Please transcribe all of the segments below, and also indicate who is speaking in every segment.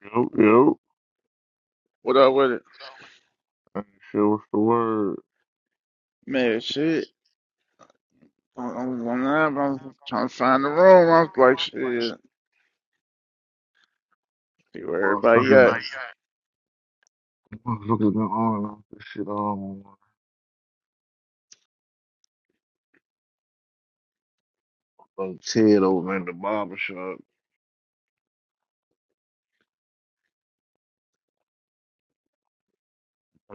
Speaker 1: Yep, yep.
Speaker 2: What up with it?
Speaker 1: Hey, shit, what's the word?
Speaker 2: Man, shit. I I was on that, but I was trying to find the room. I was like, shit, see where
Speaker 1: Well, fucking,
Speaker 2: everybody at.
Speaker 1: motherfuckers been on off this shit all morning. Like Ted over at the barber shop.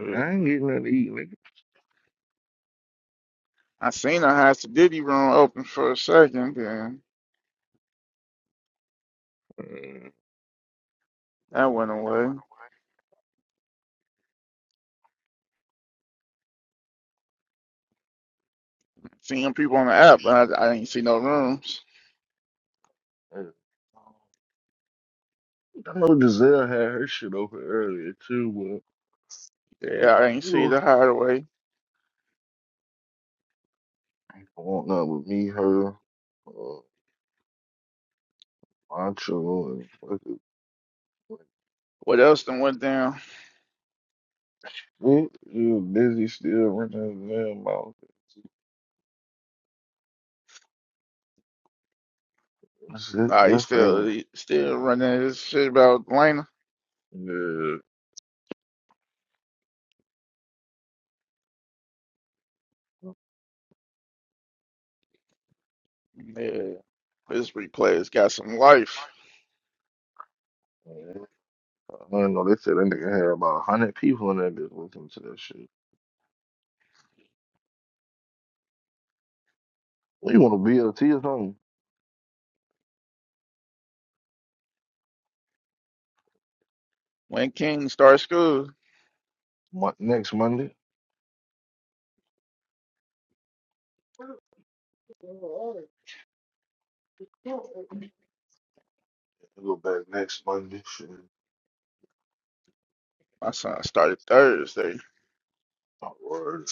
Speaker 1: Like, I ain't getting nothing to eat, nigga.
Speaker 2: I seen a House of Diddy room open for a second, then
Speaker 1: Uh,
Speaker 2: that went away. Seen people on the app, but I, I didn't see no rooms.
Speaker 1: Uh, I know Giselle had her shit open earlier too,
Speaker 2: Yeah, I ain't see the
Speaker 1: but
Speaker 2: hideaway.
Speaker 1: going up with me, her, uh, Macho, and fucking
Speaker 2: What else done went down?
Speaker 1: shit. You busy still running his damn mouth. That's it.
Speaker 2: Nah, he
Speaker 1: That's
Speaker 2: still
Speaker 1: thing.
Speaker 2: he still running his shit about Atlanta.
Speaker 1: Yeah.
Speaker 2: Yeah, his replay has got some life.
Speaker 1: I don't know. They said that nigga had about a hundred people in that bitch listening to that shit. What you want a BLT or something?
Speaker 2: When King starts school,
Speaker 1: Mon- next Monday. Go back next Monday. Shit.
Speaker 2: my son started Thursday.
Speaker 1: My word.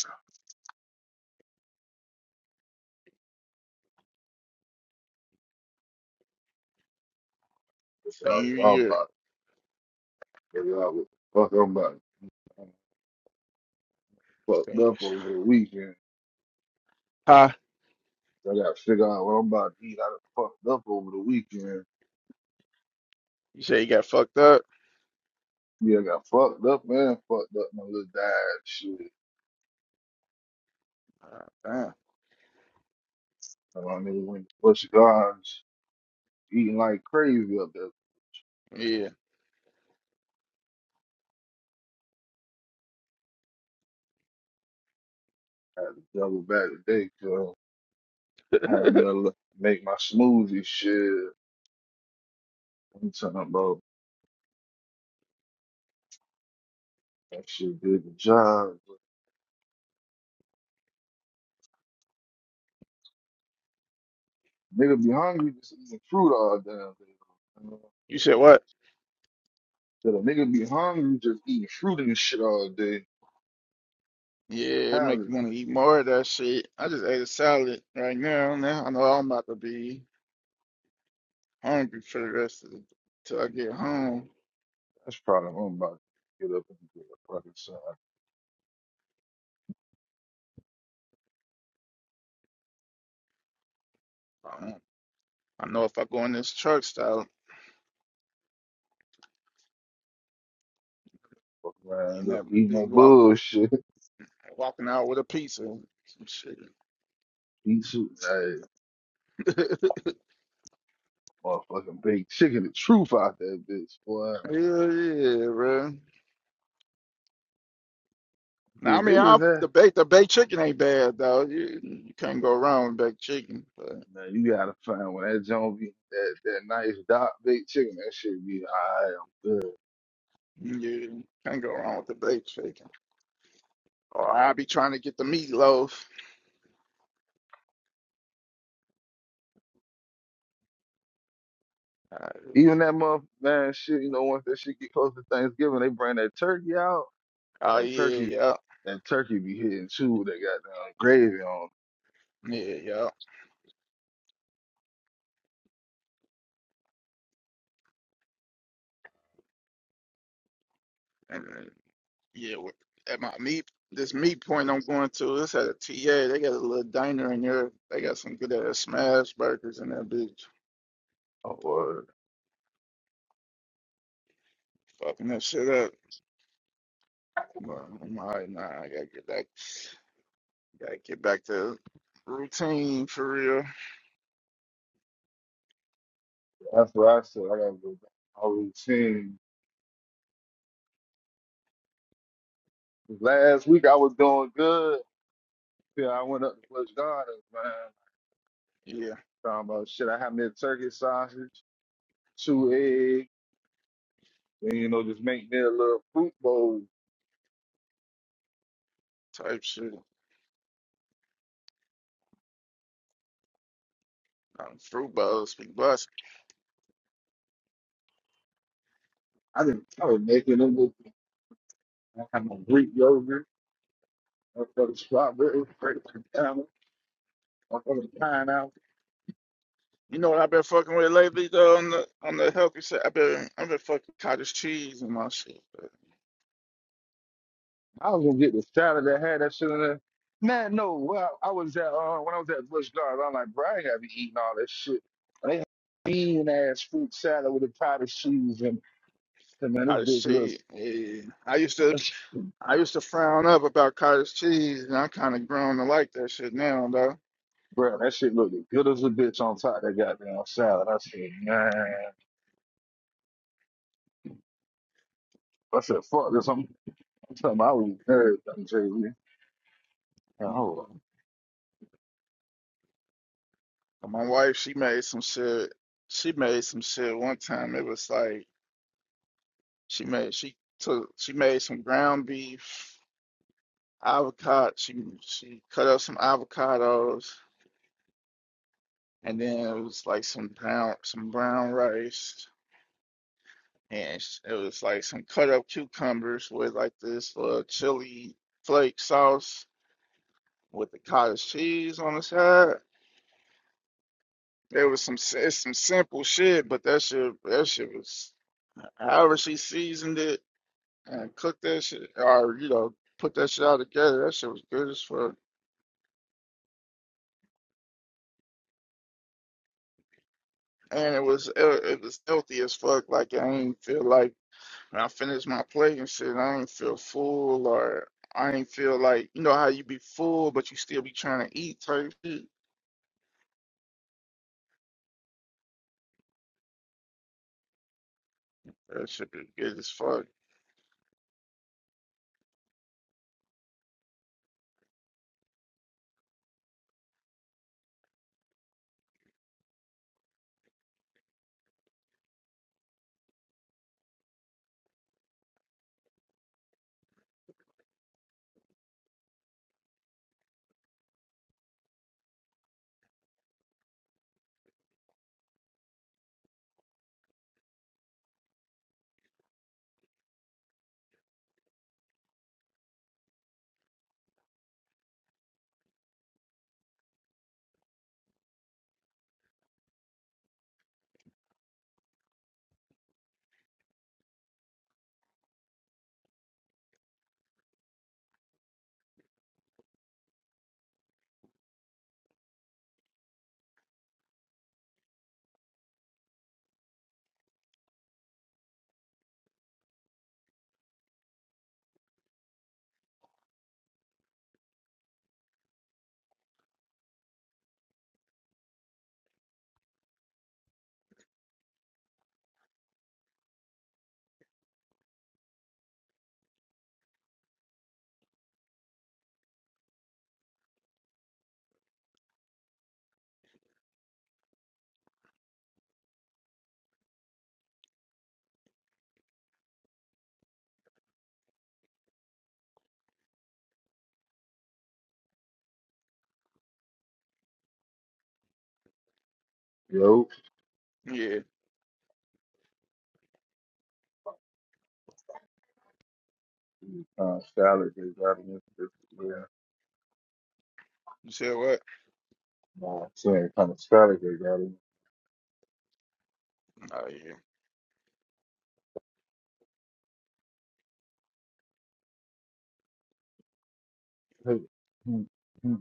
Speaker 1: I'm
Speaker 2: Same year.
Speaker 1: about to figure out what the fuck I'm about. I done fucked
Speaker 2: Same.
Speaker 1: up over the weekend.
Speaker 2: Huh?
Speaker 1: I got to figure out what I'm about to eat. I done fucked up over the weekend.
Speaker 2: You said you got fucked up?
Speaker 1: Yeah, I got fucked up man. fucked up my little dad shit.
Speaker 2: Uh, damn.
Speaker 1: And I don't even went to Busch Gardens eating like crazy up there.
Speaker 2: Yeah.
Speaker 1: I had to double back today, cause I had me a look, make my smoothie shit. I'm talking about that shit did the job. Nigga be hungry just eating fruit all damn day. you know?
Speaker 2: You said what?
Speaker 1: Said a nigga be hungry just eating fruit and shit all day.
Speaker 2: Yeah, it
Speaker 1: Now,
Speaker 2: make you want to eat more of that shit. I just ate a salad right now. Now I know I'm about to be hungry for the rest of the till I get home.
Speaker 1: that's probably what I'm about to get up and get a fucking side.
Speaker 2: Um, I know if I go in this truck stop,
Speaker 1: Fuck
Speaker 2: and
Speaker 1: around up
Speaker 2: that
Speaker 1: eating
Speaker 2: big
Speaker 1: that
Speaker 2: walk
Speaker 1: bullshit.
Speaker 2: walking out with a pizza, some shit.
Speaker 1: Eat some, hey, motherfucking baked chicken. The truth out that bitch, boy.
Speaker 2: Hell yeah, bro.
Speaker 1: See,
Speaker 2: Now I
Speaker 1: if they
Speaker 2: mean, i
Speaker 1: just had
Speaker 2: the baked the baked chicken ain't bad though. You you can't go wrong with baked chicken. But
Speaker 1: Now you gotta find when that joint be that, that nice dark baked chicken, that shit be I am good.
Speaker 2: You can't go wrong with the baked chicken. Or I'll be trying to get the meatloaf. Uh,
Speaker 1: Even that month man shit, you know, once that shit get close to Thanksgiving, they bring that turkey out.
Speaker 2: oh
Speaker 1: That turkey
Speaker 2: yeah, yeah,
Speaker 1: that turkey be hitting too with that goddamn gravy on.
Speaker 2: yeah, yeah. And then, yeah, with, at my meat, this meat point I'm going to, this at a TA. They got a little diner in there. They got some good ass smash burgers in that bitch.
Speaker 1: Oh, word.
Speaker 2: Fucking that shit up. But I'm alright now. I gotta get back, gotta get back to routine for real.
Speaker 1: that's what I said. I gotta go back. I was seeing last week I was doing good. Yeah, I went up to Bush Gardens, man.
Speaker 2: Yeah,
Speaker 1: Talking about shit, I had me a turkey sausage, two eggs, and you know, just make me a little fruit bowl
Speaker 2: type shit. Um, fruit bowls, big
Speaker 1: I didn't. I was making them with I had my Greek yogurt, motherfucking strawberry, grape banana, motherfucking pineapple.
Speaker 2: You know what I've been fucking with lately though on the on the healthy side. I've been I've been fucking cottage cheese and my shit. but
Speaker 1: I was gonna get the salad that had that shit in there. Man, no. Well, I was at uh, when I was at Bush Gardens, I'm like, bro, I ain't gotta be eating all this shit. And They had bean ass fruit salad with a potted cheese and, and man,
Speaker 2: Cottage
Speaker 1: this bitch looks.
Speaker 2: cheese. Yeah. I used to
Speaker 1: That's,
Speaker 2: I used to frown up about cottage cheese and I kinda grown to like that shit now though.
Speaker 1: bro, that shit looked as good as a bitch on top of that goddamn salad. I said, man. I said, fuck this. I'm, I'm telling you, I was everything, Jay. Hold
Speaker 2: Yeah.
Speaker 1: up,
Speaker 2: But My wife, she made some shit she made some shit one time. It was like she made she took she made some ground beef, avocado she she cut up some avocados and then it was like some brown some brown rice. and sh- it was like some cut up cucumbers with like this uh, chili flake sauce with the cottage cheese on the side. There was some si- it's some simple shit, but that shit that shit was however she seasoned it and cooked that shit or you know put that shit all together. That shit was good as fuck. And it was it, it was healthy as fuck. Like I ain't feel like when I finished my plate and shit, I ain't feel full or I ain't feel like you know how you be full but you still be trying to eat type shit. That should be good as fuck.
Speaker 1: yo.
Speaker 2: Yeah.
Speaker 1: Uh, salad is garden. Yeah.
Speaker 2: You said what?
Speaker 1: Uh, same kind of salad is garden.
Speaker 2: Oh yeah.
Speaker 1: Hey, hmm, hmm.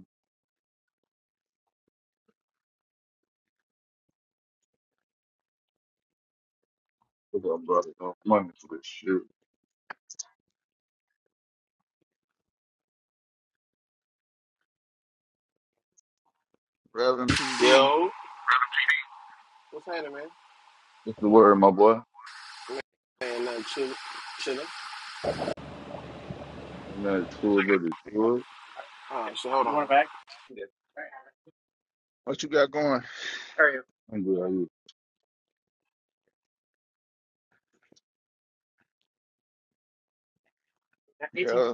Speaker 1: Look up, brother. No money for this shit.
Speaker 2: Reverend PD,
Speaker 3: Yo, what's happening, man?
Speaker 1: What's the word, my boy?
Speaker 3: You ain't nothing, chillin', chillin'.
Speaker 1: And that to it, but it's good.
Speaker 3: All right, so hold on.
Speaker 2: what you got going?
Speaker 1: I'm good. How you?
Speaker 2: Yeah.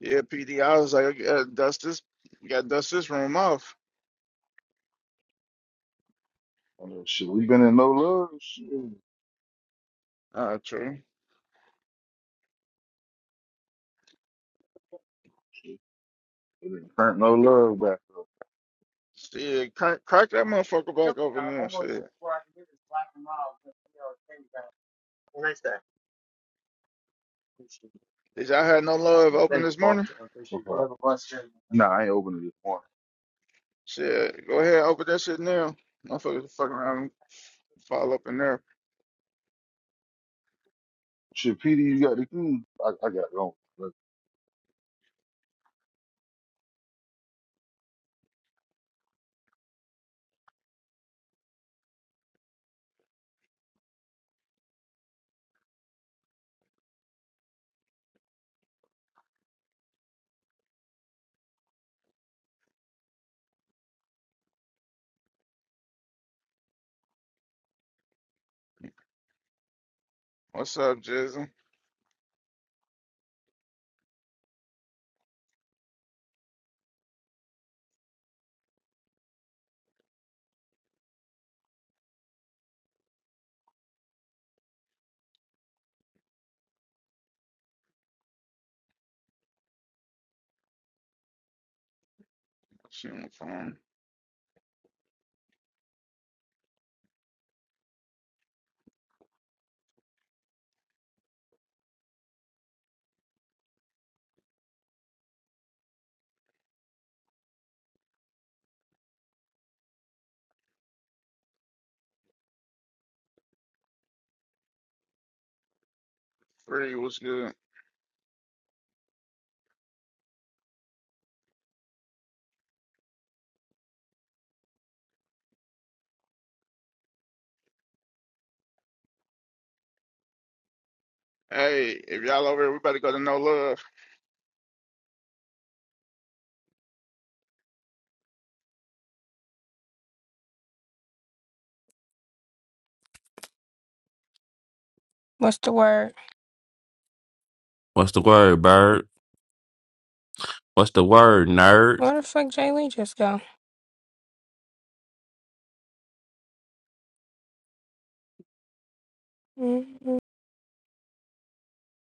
Speaker 2: Yeah, PD. I was like, I gotta dust this. You gotta dust this room off.
Speaker 1: I know, shit, we been in no love. Shit.
Speaker 2: Ah, true.
Speaker 1: It ain't hurt no love back up.
Speaker 2: Shit, crack, crack that motherfucker back open now. Shit. Did y'all have no love open
Speaker 1: Thank you,
Speaker 2: this
Speaker 1: boss.
Speaker 2: morning?
Speaker 1: I appreciate it. Okay. Have a blessed day. Nah, I ain't opening this morning.
Speaker 2: Shit, go ahead, open that shit now. Motherfuckers fucking around and fall up in there.
Speaker 1: Shit, PD, you got the key. I, I got it on.
Speaker 2: What's up, Jizzle? Shit, phone. Free, what's good? Hey, if y'all over here, we better go to No Love.
Speaker 4: What's the word?
Speaker 5: What's the word, bird? What's the word, nerd?
Speaker 4: Where the fuck Jay Lee just go? mm